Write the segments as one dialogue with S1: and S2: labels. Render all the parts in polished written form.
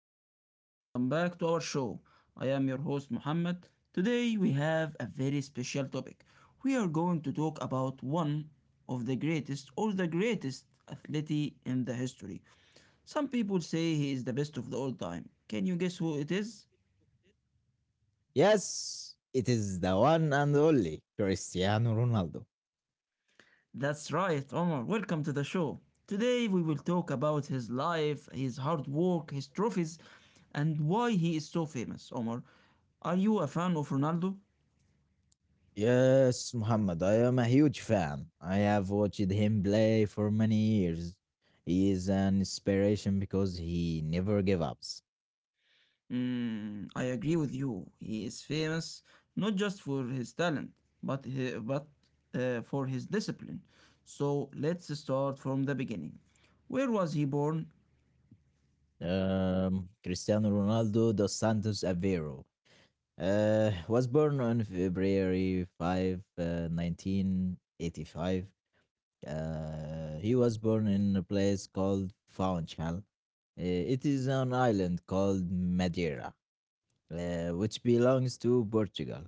S1: fans. Welcome back to our show. I am your host, Muhammad. Today, we have a very special topic. We are going to talk about one of the greatest or the greatest athlete in the history. Some people say he is the best of the all time. Can you guess who it is?
S2: Yes, it is the one and only Cristiano Ronaldo.
S1: That's right, Omar. Welcome to the show. Today, we will talk about his life, his hard work, his trophies, and why he is so famous, Omar. Are you a fan of Ronaldo?
S2: Yes, Muhammad, I am a huge fan. I have watched him play for many years. He is an inspiration because he never gave up.
S1: Mm, I agree with you. He is famous not just for his talent, but for his discipline. So let's start from the beginning. Where was he born?
S2: Cristiano Ronaldo dos Santos Aveiro was born on February 5, 1985. He was born in a place called Funchal. It is an island called Madeira, which belongs to Portugal.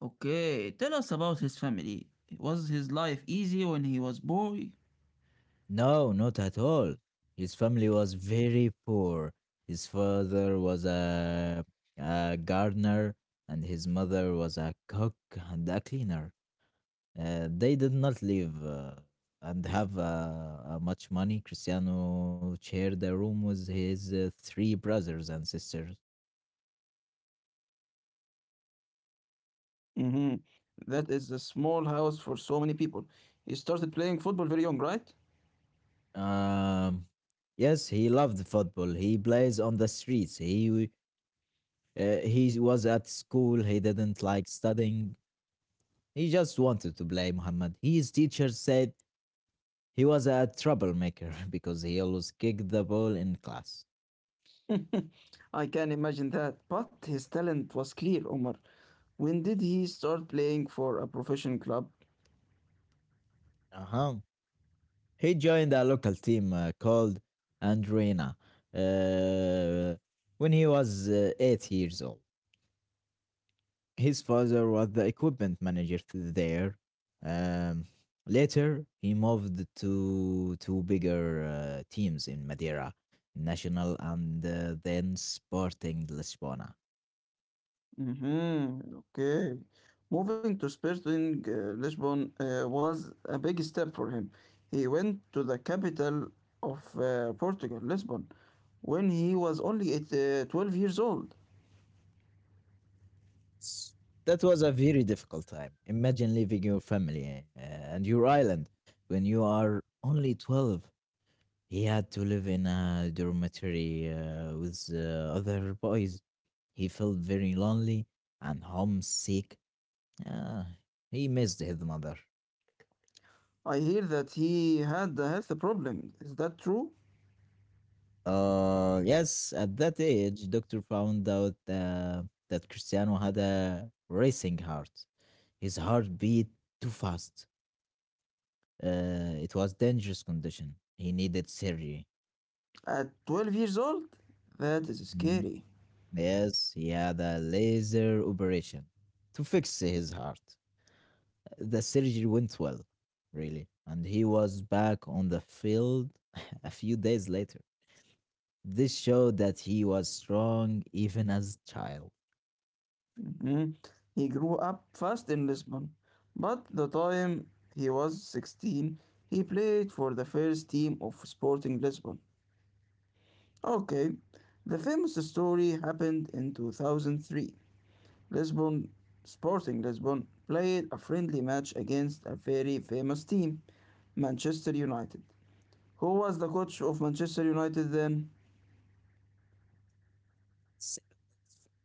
S1: Okay, tell us about his family. Was his life easy when he was boy?
S2: No, not at all. His family was very poor. His father was a gardener, and his mother was a cook and a cleaner. They did not live and have much money. Cristiano shared a room with his three brothers and sisters.
S1: Mm-hmm. That is a small house for so many people. He started playing football very young, right?
S2: Um, yes, he loved football. He plays on the streets. He was at school. He didn't like studying. He just wanted to play, Muhammad. His teacher said he was a troublemaker because he always kicked the ball in class.
S1: I can imagine that, but his talent was clear, Omar. When did he start playing for a professional club?
S2: Uh huh. He joined a local team called Andrina uh, when he was 8 years old. His father was the equipment manager there. Um, Later, he moved to two bigger teams in Madeira, Nacional and then Sporting Lisbona.
S1: Hmm. Okay. Moving to Sporting Lisbon was a big step for him. He went to the capital of Portugal, Lisbon, when he was only 12 years old.
S2: S- That was a very difficult time. Imagine leaving your family and your island when you are only 12. He had to live in a dormitory with other boys. He felt very lonely and homesick. Yeah, he missed his mother.
S1: I hear that he had a health problem. Is that true?
S2: Yes, at that age, doctor found out that Cristiano had a racing heart. His heart beat too fast. It was dangerous condition. He needed surgery.
S1: At 12 years old? That is
S2: Mhm.
S1: scary.
S2: Yes, he had a laser operation to fix his heart. The surgery went well, really, and he was back on the field a few days later. This showed that he was strong even as a child.
S1: Mm, he grew up fast in Lisbon, but the time he was 16, he played for the first team of Sporting Lisbon. Okay, the famous story happened in 2003. Lisbon, Sporting Lisbon, played a friendly match against a very famous team, Manchester United. Who was the coach of Manchester United then?
S2: S-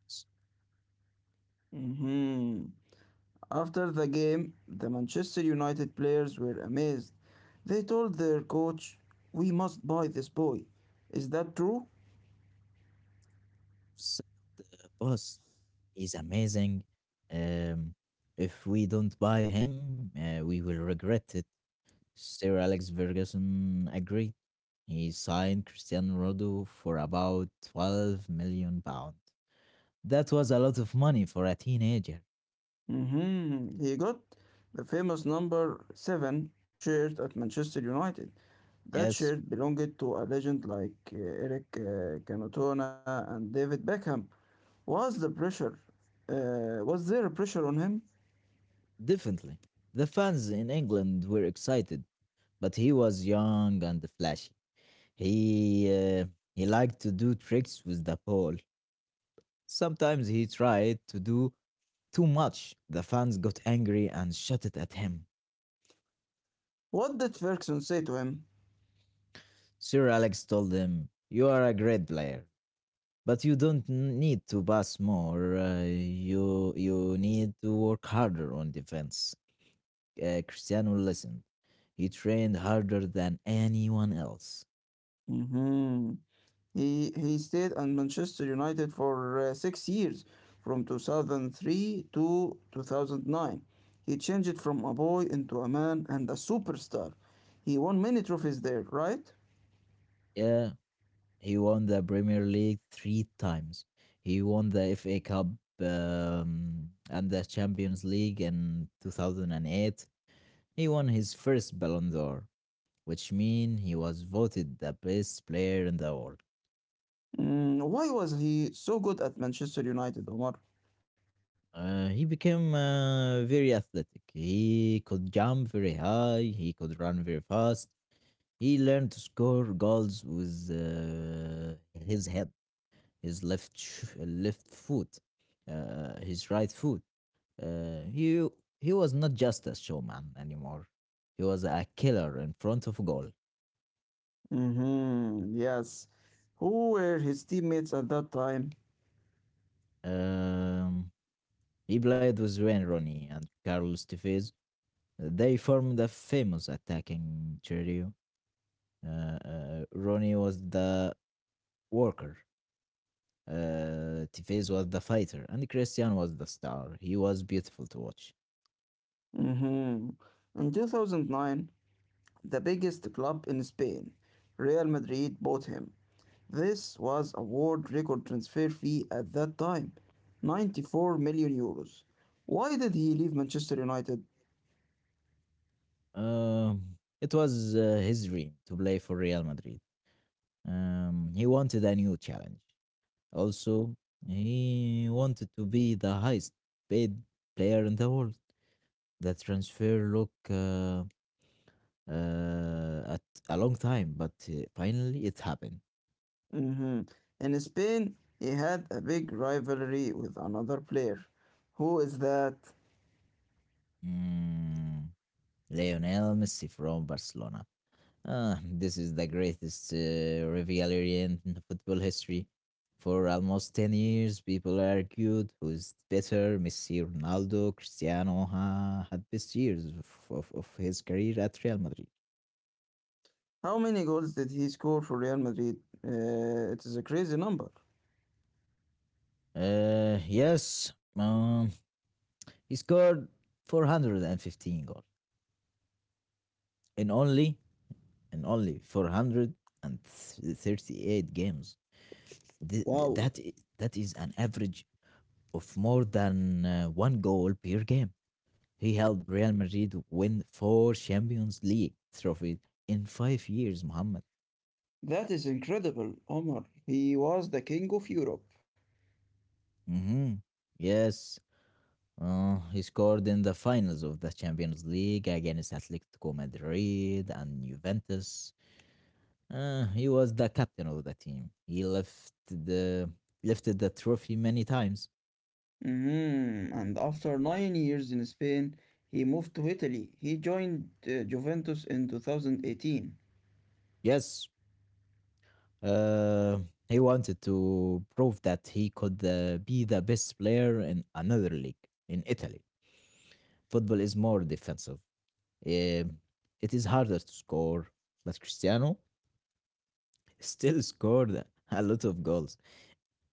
S2: s-
S1: Hmm. After the game, the Manchester United players were amazed. They told their coach, "We must buy this boy." Is that true?
S2: Boss, he's amazing. Um, if we don't buy him, we will regret it. Sir Alex Ferguson agreed. He signed Cristiano Ronaldo for about £12 million. That was a lot of money for a teenager.
S1: Hmm. He got the famous number 7 shirt at Manchester United. That
S2: Yes,
S1: shirt belonged to a legend like Eric Canotona and David Beckham. Was the pressure, was there a pressure on him?
S2: definitely. The fans in England were excited, but he was young and flashy. He uh, he liked to do tricks with the ball. Sometimes he tried to do too much. The fans got angry and shouted at him.
S1: What did Ferguson say to him?
S2: Sir Alex told him, "You are a great player, but you don't need to pass more. You need to work harder on defense." Cristiano listened. He trained harder than anyone else.
S1: Hmm. He stayed at Manchester United for 6 years, from 2003 to 2009. He changed from a boy into a man and a superstar. He won many trophies there, right?
S2: Yeah, he won the Premier League three times. He won the FA Cup and the Champions League in 2008. He won his first Ballon d'Or, which means he was voted the best player in the world.
S1: Mm, why was he so good at Manchester United, Omar?
S2: He became very athletic. He could jump very high. He could run very fast. He learned to score goals with his head, his left left foot, his right foot. Uh, he he was not just a showman anymore. He was a killer in front of goal.
S1: Hmm, yes. Who were his teammates at that time?
S2: Um, he played with Wayne Rooney and Carlos Tevez. They formed a famous attacking trio. Rooney was the worker. Tevez was the fighter, and Christian was the star. He was beautiful to watch.
S1: Hmm. In 2009, the biggest club in Spain, Real Madrid, bought him. This was a world record transfer fee at that time, 94 million euros. Why did he leave Manchester United?
S2: Um, it was his dream to play for Real Madrid. He wanted a new challenge. Also, he wanted to be the highest paid player in the world. The transfer look at a long time, but finally it happened.
S1: Mhm. In Spain, he had a big rivalry with another player. Who is that?
S2: Mm, Lionel Messi from Barcelona. Ah, this is the greatest rivalry in football history. For almost 10 years, people argued who is better, Messi, Ronaldo, Cristiano had best years of his career at Real Madrid.
S1: How many goals did he score for Real Madrid? It is a crazy number.
S2: Yes, he scored 415 goals in only in only 438 games. Th- th-
S1: Wow,
S2: that i- that is an average of more than one goal per game. He helped Real Madrid win four Champions League trophies in 5 years, Mohammed.
S1: that is incredible, Omar. He was the king of Europe.
S2: hmm Yes, he scored in the finals of the Champions League against Atletico Madrid and Juventus. He was the captain of the team. He left the lifted the trophy many times.
S1: Mhm. And after 9 years in Spain, he moved to Italy. He joined Juventus in 2018.
S2: Yes, uh, he wanted to prove that he could be the best player in another league in Italy. Football is more defensive. Um, it is harder to score, but Cristiano still scored a lot of goals.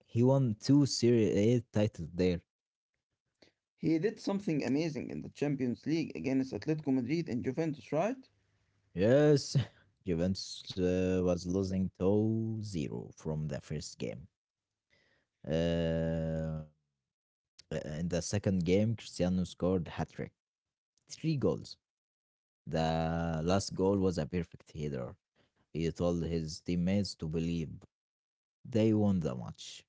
S2: He won two Serie A titles there.
S1: He did something amazing in the Champions League against Atletico Madrid and Juventus, right?
S2: Yes, Juventus was losing 2-0 from the first game. Uh, in the second game, Cristiano scored hat-trick, three goals. The last goal was a perfect header. He told his teammates to believe they won the match.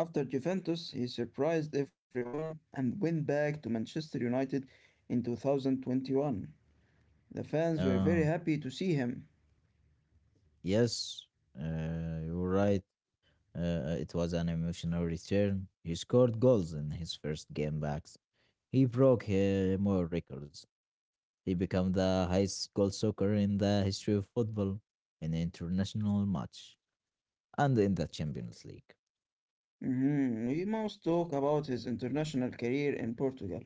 S1: After Juventus, he surprised everyone and went back to Manchester United in 2021. The fans were very
S2: Uh,
S1: happy to see him.
S2: yes, you're right. It was an emotional return. He scored goals in his first game back. He broke more records. He became the highest goal scorer in the history of football in an international match and in the Champions League.
S1: Mhm. We must talk about his international career in Portugal.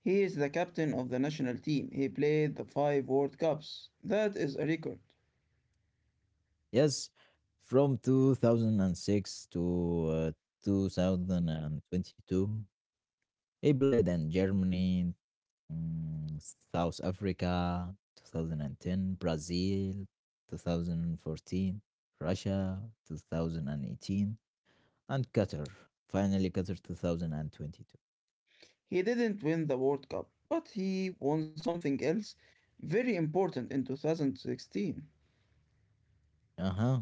S1: He is the captain of the national team. He played the five World Cups. That is a record.
S2: Yes, from 2006 to 2022, he played in Germany, South Africa, 2010, Brazil, 2014, Russia, 2018, and Qatar. Finally, Qatar 2022.
S1: He didn't win the World Cup, but he won something else very important in 2016.
S2: Uh-huh.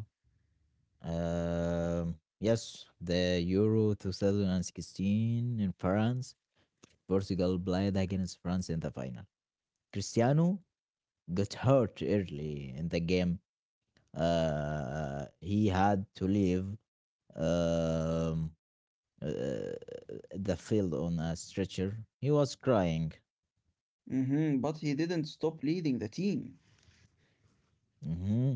S2: Yes, the Euro 2016 in France, Portugal played against France in the final. Cristiano got hurt early in the game. He had to leave um, uh, the field on a stretcher. He was crying.
S1: Mhm. But he didn't stop leading the team.
S2: hmm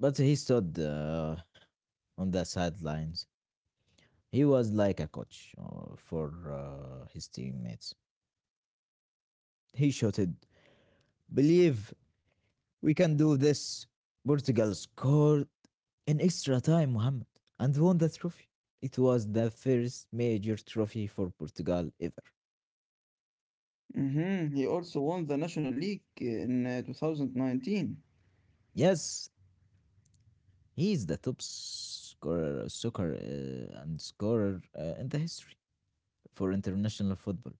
S2: but he stood on the sidelines. He was like a coach for his teammates. He shouted, "Believe, we can do this." Portugal scored in extra time, Mohammed, and won the trophy. It was the first major trophy for Portugal ever.
S1: Mhm. He also won the National League in 2019.
S2: Yes, he is the top scorer, soccer and scorer in the history for international football.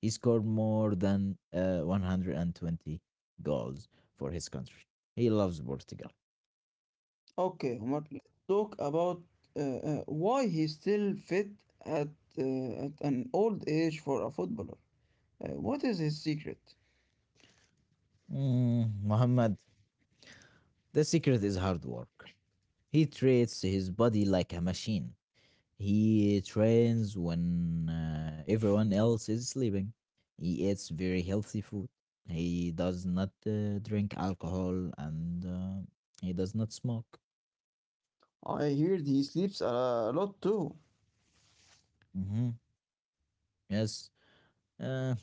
S2: He scored more than 120 goals for his country. He loves Portugal.
S1: Okay, Omar, let's talk about why he's still fit at, uh, at an old age for a footballer. What is his secret?
S2: Mohammed, the secret is hard work. He treats his body like a machine. He trains when everyone else is sleeping. He eats very healthy food. He does not drink alcohol and he does not smoke.
S1: I heard he sleeps a lot too.
S2: Hmm. Yes. Uh,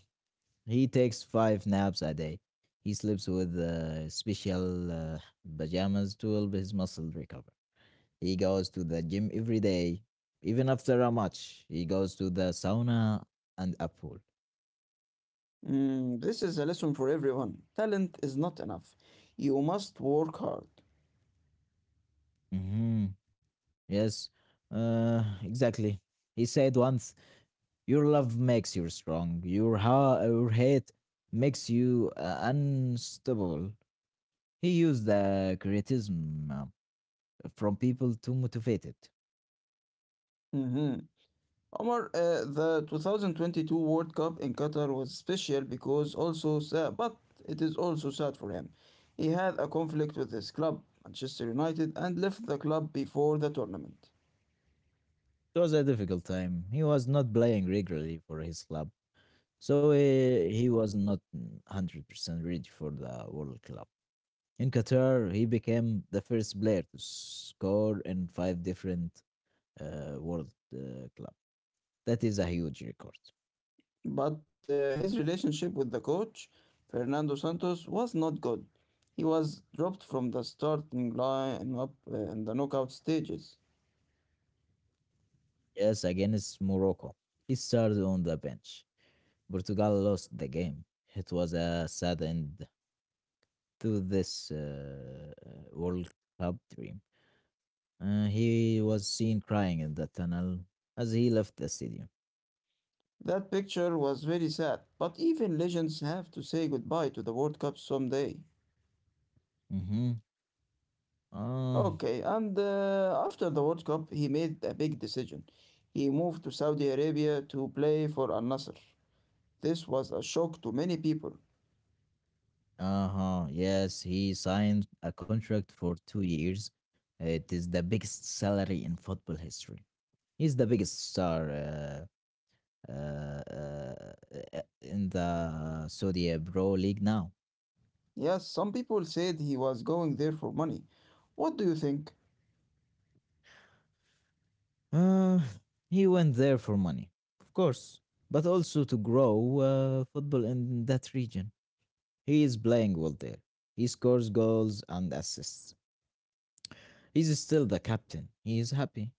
S2: he takes five naps a day. He sleeps with special pajamas to help his muscle recover. He goes to the gym every day. Even after a match, he goes to the sauna and a pool.
S1: Mm, this is a lesson for everyone. Talent is not enough. You must work hard.
S2: Mhm. Yes, exactly. He said once, "Your love makes you strong. Your your hate makes you unstoppable." He used the criticism from people to motivate it.
S1: Mhm. Omar, the 2022 World Cup in Qatar was special because also sad, but it is also sad for him. He had a conflict with his club, Manchester United, and left the club before the tournament.
S2: It was a difficult time. He was not playing regularly for his club, so he was not 100% ready for the World Cup. In Qatar, he became the first player to score in five different World Club. That is a huge record.
S1: But his relationship with the coach, Fernando Santos, was not good. He was dropped from the starting line up in the knockout stages.
S2: Yes, against Morocco. He started on the bench. Portugal lost the game. It was a sad end to this uh, World Cup dream. He was seen crying in the tunnel as he left the stadium.
S1: That picture was very sad, but even legends have to say goodbye to the World Cup someday.
S2: Mm-hmm. Uh,
S1: Okay, and after the World Cup, he made a big decision. He moved to Saudi Arabia to play for Al Nassr. This was a shock to many people.
S2: uh-huh. Yes, he signed a contract for 2 years. It is the biggest salary in football history. He's the biggest star. Uh, uh, in the Saudi Pro League now.
S1: Yes, some people said he was going there for money. What do you think?
S2: Uh, he went there for money, of course, but also to grow football in that region. He is playing well there. He scores goals and assists. He's still the captain. He is happy.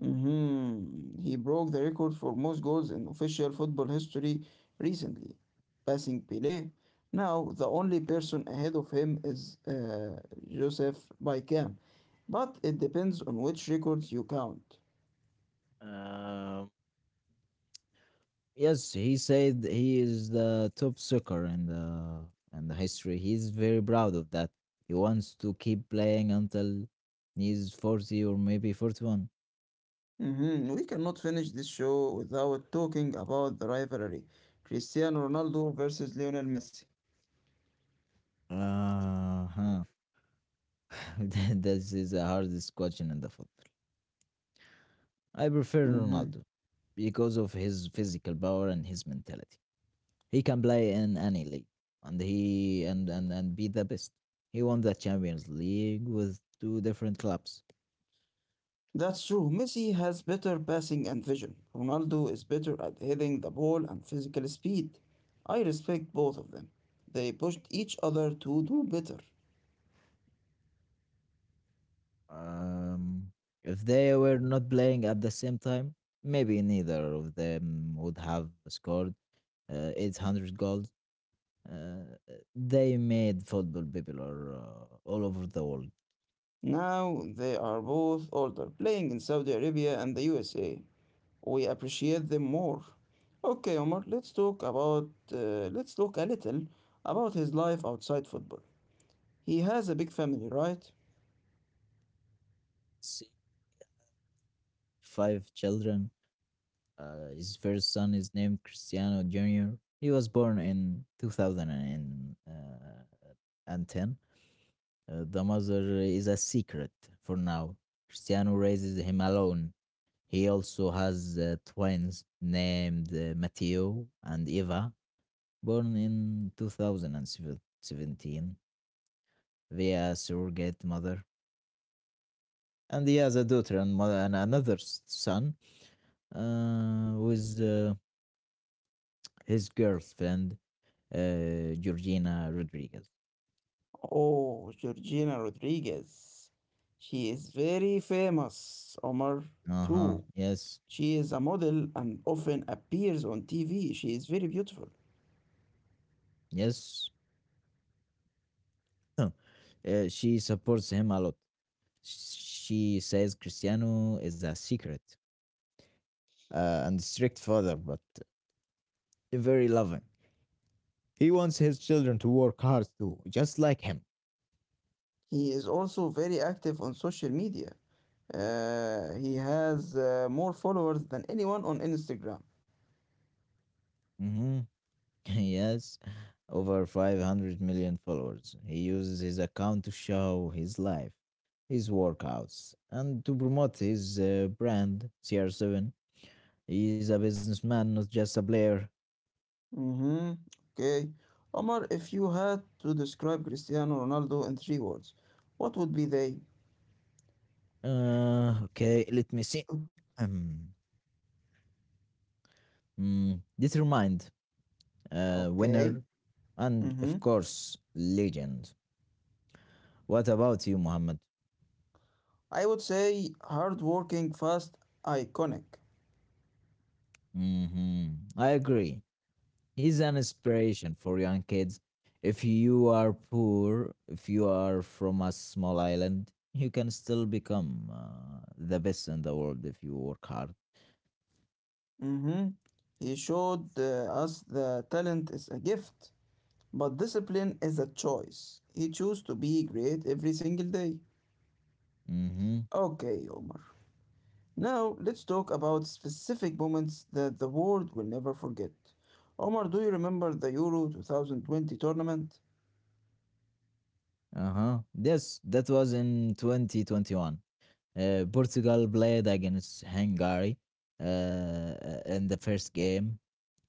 S1: Hmm. He broke the record for most goals in official football history recently, passing Pelé. Now, the only person ahead of him is Joseph Baikan, but it depends on which records you count.
S2: Uh, yes, he said he is the top soccer in the history. He's very proud of that. He wants to keep playing until he's 40 or maybe 41.
S1: Mhm. We cannot finish this show without talking about the rivalry Cristiano Ronaldo versus Lionel Messi.
S2: Uh-huh. This is the hardest question in the football. I prefer
S1: Mhm.
S2: Ronaldo because of his physical power and his mentality. He can play in any league and be the best. He won the Champions League with two different clubs.
S1: That's true. Messi has better passing and vision. Ronaldo is better at hitting the ball and physical speed. I respect both of them. They pushed each other to do better.
S2: Um, if they were not playing at the same time, maybe neither of them would have scored 800 goals. Uh, they made football popular all over the world.
S1: Now they are both older, playing in Saudi Arabia and the USA. We appreciate them more. Okay, Omar, let's talk a little about his life outside football. He has a big family, right?
S2: See, five children. His first son is named Cristiano Jr. He was born in two thousand and 10. The mother is a secret for now. Cristiano raises him alone. He also has twins named Matteo and Eva, born in 2017 via a surrogate mother. And he has a daughter and, mother and another son with his girlfriend, Georgina Rodriguez.
S1: Oh, Georgina Rodriguez. She is very famous, Omar,
S2: Uh huh.
S1: too.
S2: Yes.
S1: She is a model and often appears on TV. She is very beautiful.
S2: Yes. Huh. She supports him a lot. She says Cristiano is a secret and strict father, but very loving. He wants his children to work hard too, just like him.
S1: He is also very active on social media. He has more followers than anyone on Instagram.
S2: Hmm. Yes. Over 500 million followers. He uses his account to show his life, his workouts, and to promote his brand, CR7. He's a businessman, not just a player.
S1: Mm-hmm. Okay. Omar, if you had to describe Cristiano Ronaldo in three words, what would be they?
S2: Okay, let me see. Um, Determined,
S1: Okay.
S2: winner, and
S1: Mm-hmm.
S2: of course, legend. What about you, Muhammad?
S1: I would say hardworking, fast, iconic.
S2: hmm I agree. He's an inspiration for young kids. If you are poor, if you are from a small island, you can still become the best in the world if you work hard.
S1: Mm-hmm. He showed us the talent is a gift, but discipline is a choice. He chose to be great every single day.
S2: Mm-hmm.
S1: Okay, Omar. Now, let's talk about specific moments that the world will never forget. Omar, do you remember the Euro 2020 tournament?
S2: Uh huh. Yes, that was in 2021. Portugal played against Hungary in the first game.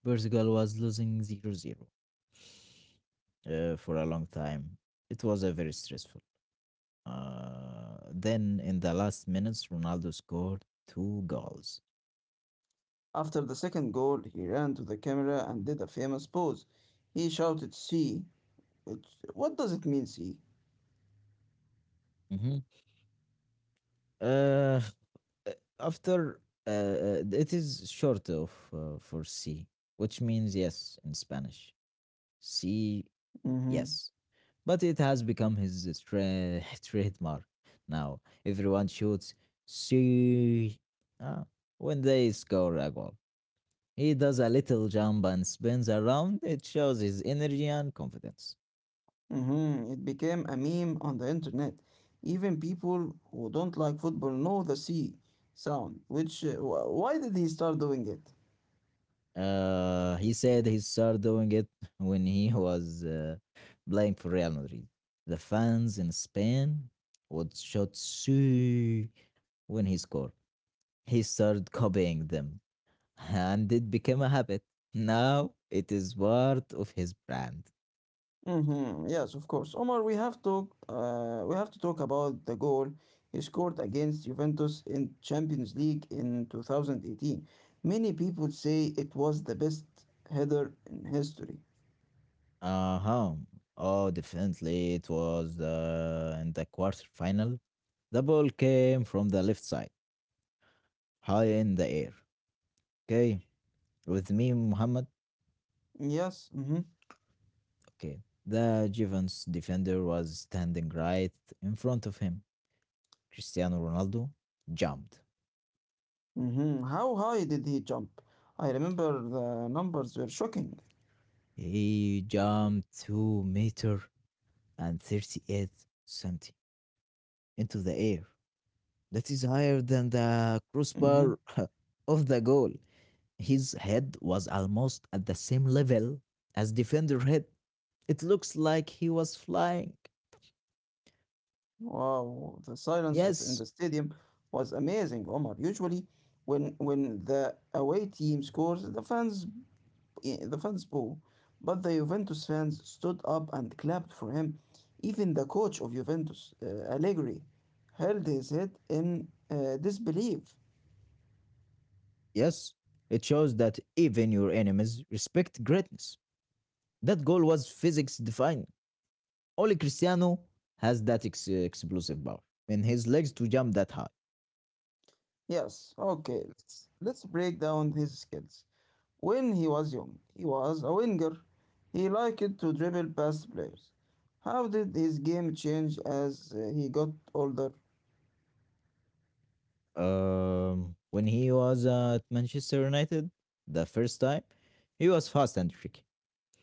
S2: Portugal was losing zero zero for a long time. It was a very stressful. Then in the last minutes, Ronaldo scored two goals.
S1: After the second goal, he ran to the camera and did a famous pose. He shouted C, which what does it mean C?
S2: Mhm. Uh, after it is short of for C, which means yes in Spanish. C,
S1: Mhm.
S2: yes, but it has become his trademark. Now everyone shoots see uh, when they score a goal. He does a little jump and spins around. It shows his energy and confidence.
S1: Mhm. It became a meme on the internet. Even people who don't like football know the C sound, which why did he start doing it?
S2: He said he started doing it when he was playing for Real Madrid. The fans in Spain would shout "su" when he scored. He started copying them, and it became a habit. Now it is part of his brand.
S1: Mm-hmm. Yes, of course. Omar, we have to talk about the goal he scored against Juventus in Champions League in 2018. Many people say it was the best header in history.
S2: Uh huh. Oh, definitely. It was in the quarterfinal. The ball came from the left side, high in the air. Okay. With me, Muhammad.
S1: Yes. Mm-hmm.
S2: Okay. The Given's defender was standing right in front of him. Cristiano Ronaldo jumped.
S1: Mm-hmm. How high did he jump? I remember the numbers were shocking.
S2: He jumped 2 meter and 38 centi into the air. That
S1: Mm-hmm.
S2: is higher than the crossbar of the goal. His head was almost at the same level as defender head. It looks like he was flying.
S1: Wow, the silence of in the
S2: Yes,
S1: stadium was amazing, Omar. Usually, when the away team scores, the fans boo, but the Juventus fans stood up and clapped for him. Even the coach of Juventus, Allegri, held his head in disbelief.
S2: yes. It shows that even your enemies respect greatness. That goal was physics defying. Only Cristiano has that explosive power in his legs to jump that high.
S1: Yes, okay, let's break down his skills. When he was young, he was a winger. He liked to dribble past players. How did his game change as he got older?
S2: When he was at Manchester United the first time, he was fast and tricky.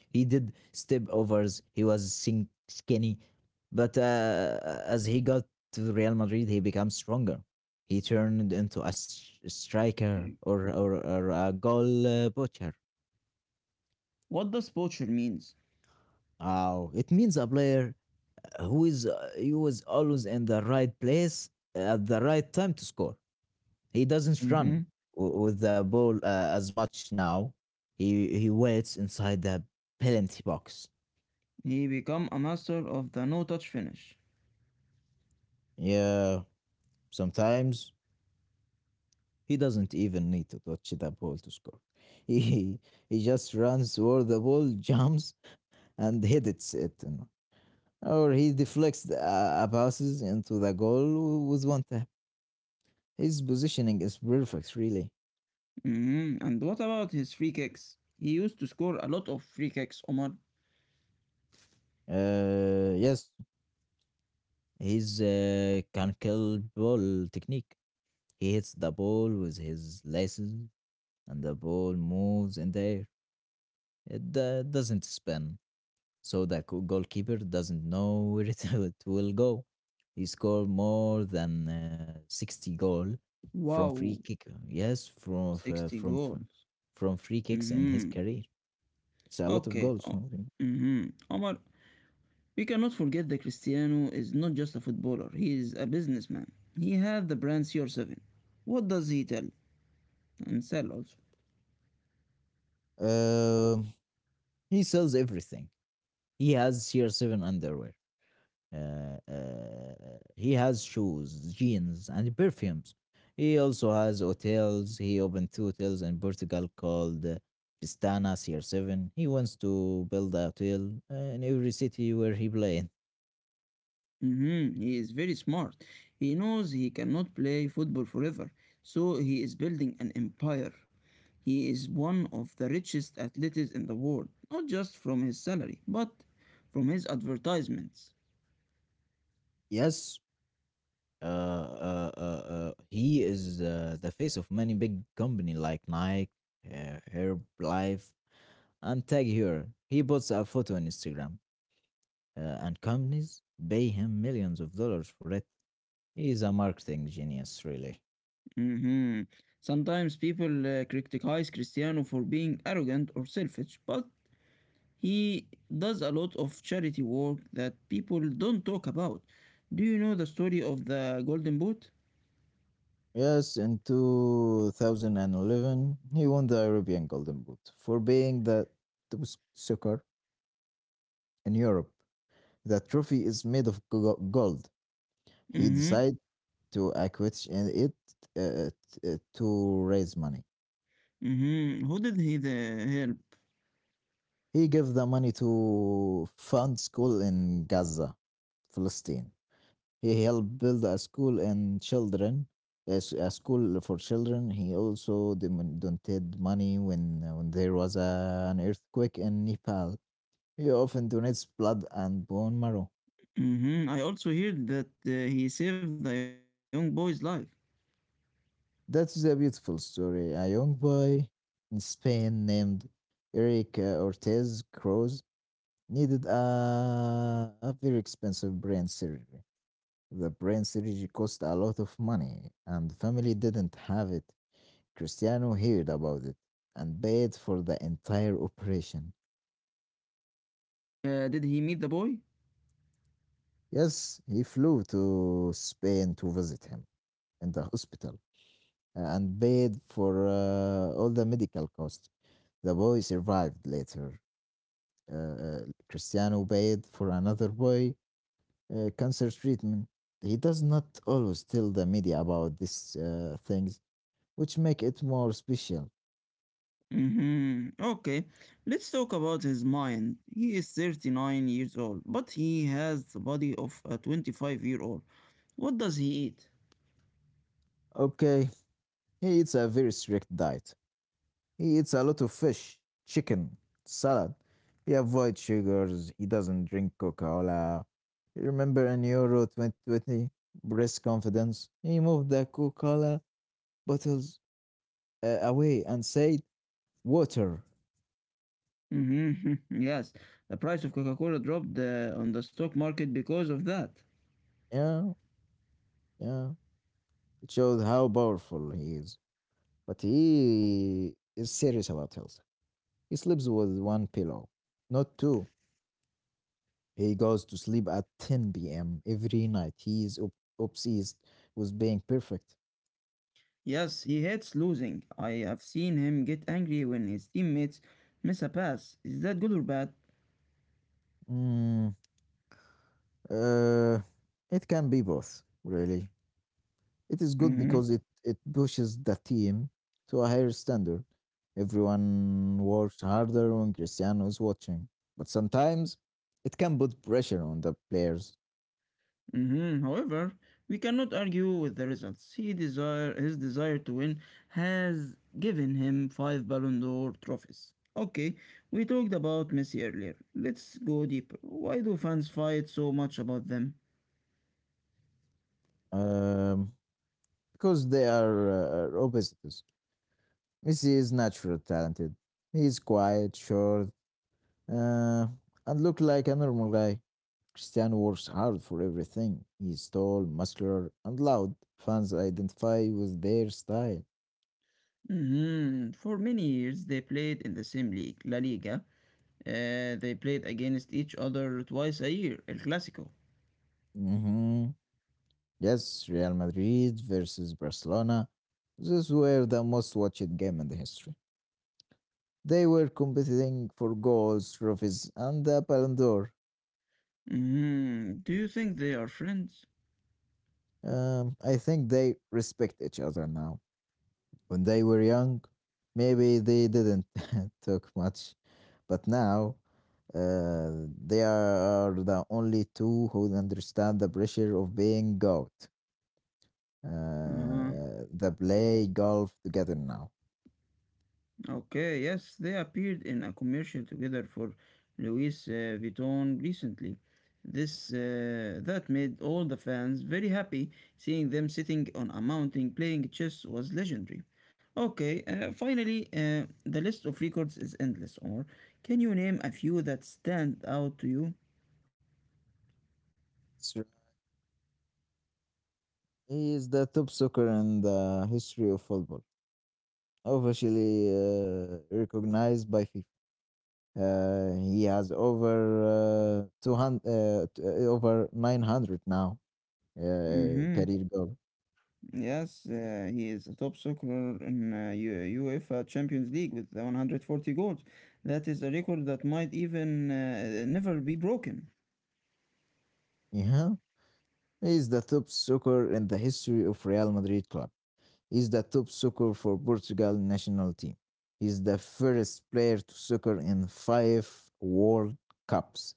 S2: He did step overs. He was skinny, but as he got to Real Madrid, he became stronger. He turned into a striker or a goal butcher.
S1: What does poacher means?
S2: Oh, it means a player who is he was always in the right place at the right time to score. He doesn't run
S1: Mhm.
S2: with the ball as much now. He waits inside the penalty box.
S1: He became a master of the no-touch finish.
S2: Yeah, sometimes he doesn't even need to touch the ball to score. He he just runs toward the ball, jumps, and hits it. Or he deflects the passes into the goal with one tap. His positioning is perfect, really.
S1: Mhm. And what about his free kicks? He used to score a lot of free kicks, Omar.
S2: Yes, his can kill ball technique. He hits the ball with his laces, and the ball moves in the air. It doesn't spin, so the goalkeeper doesn't know where it will go. He scored more than 60 goal from free
S1: Wow,
S2: kick. Yes, from f-
S1: 60 goals.
S2: from free kicks in his
S1: Mm-hmm.
S2: career. It's a lot of
S1: Okay.
S2: goals
S1: Oh.
S2: from him.
S1: Mm-hmm. Omar, we cannot forget that Cristiano is not just a footballer, he is a businessman. He had the brand CR7. What does he tell and sell also?
S2: Um he sells everything. He has CR7 underwear. Uh, uh, he has shoes, jeans, and perfumes. He also has hotels. He opened two hotels in Portugal called Pistana CR7. He wants to build a hotel in every city where he played.
S1: Mm-hmm. He is very smart. He knows he cannot play football forever, so he is building an empire. He is one of the richest athletes in the world, not just from his salary, but from his advertisements.
S2: Yes, he is the face of many big company like Nike, Herbalife, and Tag Heuer. He puts a photo on Instagram, and companies pay him millions of dollars for it. He's a marketing genius, really.
S1: Mm-hmm. Sometimes people criticize Cristiano for being arrogant or selfish, but he does a lot of charity work that people don't talk about. Do you know the story of the Golden Boot?
S2: Yes, in 2011, he won the European Golden Boot for being the top soccer in Europe. The trophy is made of gold. He
S1: Mm-hmm.
S2: decided to acquit in it to raise money.
S1: Mhm. Who did he the help?
S2: He gave the money to fund school in Gaza, Palestine. He helped build a school and children, a school for children. He also donated money when there was an earthquake in Nepal. He often donates blood and bone marrow.
S1: Mhm. I also heard that he saved a young boy's life.
S2: That's a beautiful story. A young boy in Spain named Eric Ortez Cruz needed a very expensive brain surgery. The brain surgery cost a lot of money, and the family didn't have it. Cristiano heard about it and paid for the entire operation.
S1: Did he meet the boy?
S2: Yes, he flew to Spain to visit him in the hospital and paid for all the medical costs. The boy survived later. Uh, uh, Cristiano paid for another boy cancer treatment. He does not always tell the media about these things, which make it more special.
S1: Mhm. Okay. Let's talk about his mind. He is 39 years old, but he has the body of a 25-year-old. What does he eat?
S2: Okay, he eats a very strict diet. He eats a lot of fish, chicken, salad. He avoids sugars. He doesn't drink Coca-Cola. You remember in Euro 2020, breast confidence? He moved the Coca-Cola bottles away and said, water.
S1: Mhm. Yes. The price of Coca-Cola dropped on the stock market because of that.
S2: Yeah, yeah. It shows how powerful he is. But he is serious about health. He sleeps with one pillow, not two. He goes to sleep at 10 p.m. every night. He is obsessed with being perfect.
S1: Yes, he hates losing. I have seen him get angry when his teammates miss a pass. Is that good or bad?
S2: Mm, uh, it can be both, really. It is good
S1: Mhm,
S2: because it pushes the team to a higher standard. Everyone works harder when Cristiano is watching. But sometimes it can put pressure on the players
S1: mhm. However, we cannot argue with the results. He desire his desire to win has given him five Ballon d'Or trophies. Okay, we talked about Messi earlier. Let's go deeper. Why do fans fight so much about them?
S2: um, because they are opposites. Messi is naturally talented. He is quiet, short, uh, and looked like a normal guy. Cristiano works hard for everything. He's tall, muscular, and loud. Fans identify with their style.
S1: Mhm. For many years, they played in the same league, La Liga. They played against each other twice a year, El Clásico.
S2: Hmm Yes, Real Madrid versus Barcelona. These were the most watched game in the history. They were competing for goals, trophies, and the Ballon d'Or.
S1: Mhm. Do you think they are friends?
S2: I think they respect each other now. When they were young, maybe they didn't talk much, but now they are the only two who understand the pressure of being out.
S1: Uh-huh.
S2: They play golf together now.
S1: Okay, yes, they appeared in a commercial together for Louis Vuitton recently. This that made all the fans very happy. Seeing them sitting on a mountain playing chess was legendary. Okay, finally, the list of records is endless. Or can you name a few that stand out to you?
S2: That's right. He is the top soccer in the history of football, officially recognized by FIFA. He has over 200, over 900 now
S1: Mm-hmm.
S2: career goal.
S1: Yes, he is a top scorer in UEFA Champions League with 140 goals. That is a record that might even never be broken.
S2: Yeah, he's the top soccer in the history of Real Madrid club. He's the top soccer for Portugal national team. He's the first player to soccer in five World Cups.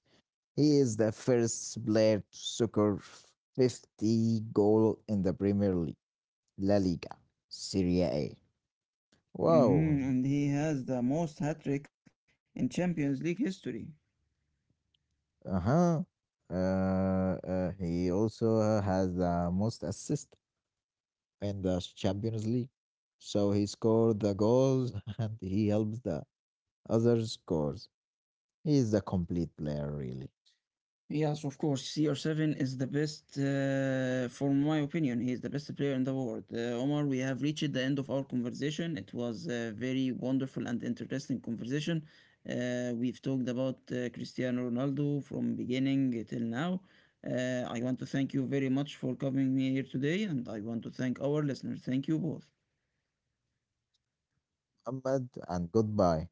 S2: He is the first player to soccer 50 goal in the Premier League, La Liga, Serie A.
S1: Hmm.
S2: Wow.
S1: And he has the most hat tricks in Champions League history.
S2: Uh-huh. Uh, he also has the most assist in the Champions League. So he scored the goals and he helps the other scores. He is a complete player, really.
S1: Yes, of course. CR7 is the best. Uh, for my opinion, he is the best player in the world. Omar, we have reached the end of our conversation. It was a very wonderful and interesting conversation. We've talked about Cristiano Ronaldo from beginning till now. I want to thank you very much for coming here today, and I want to thank our listeners. Thank you both.
S2: Ahmed and goodbye.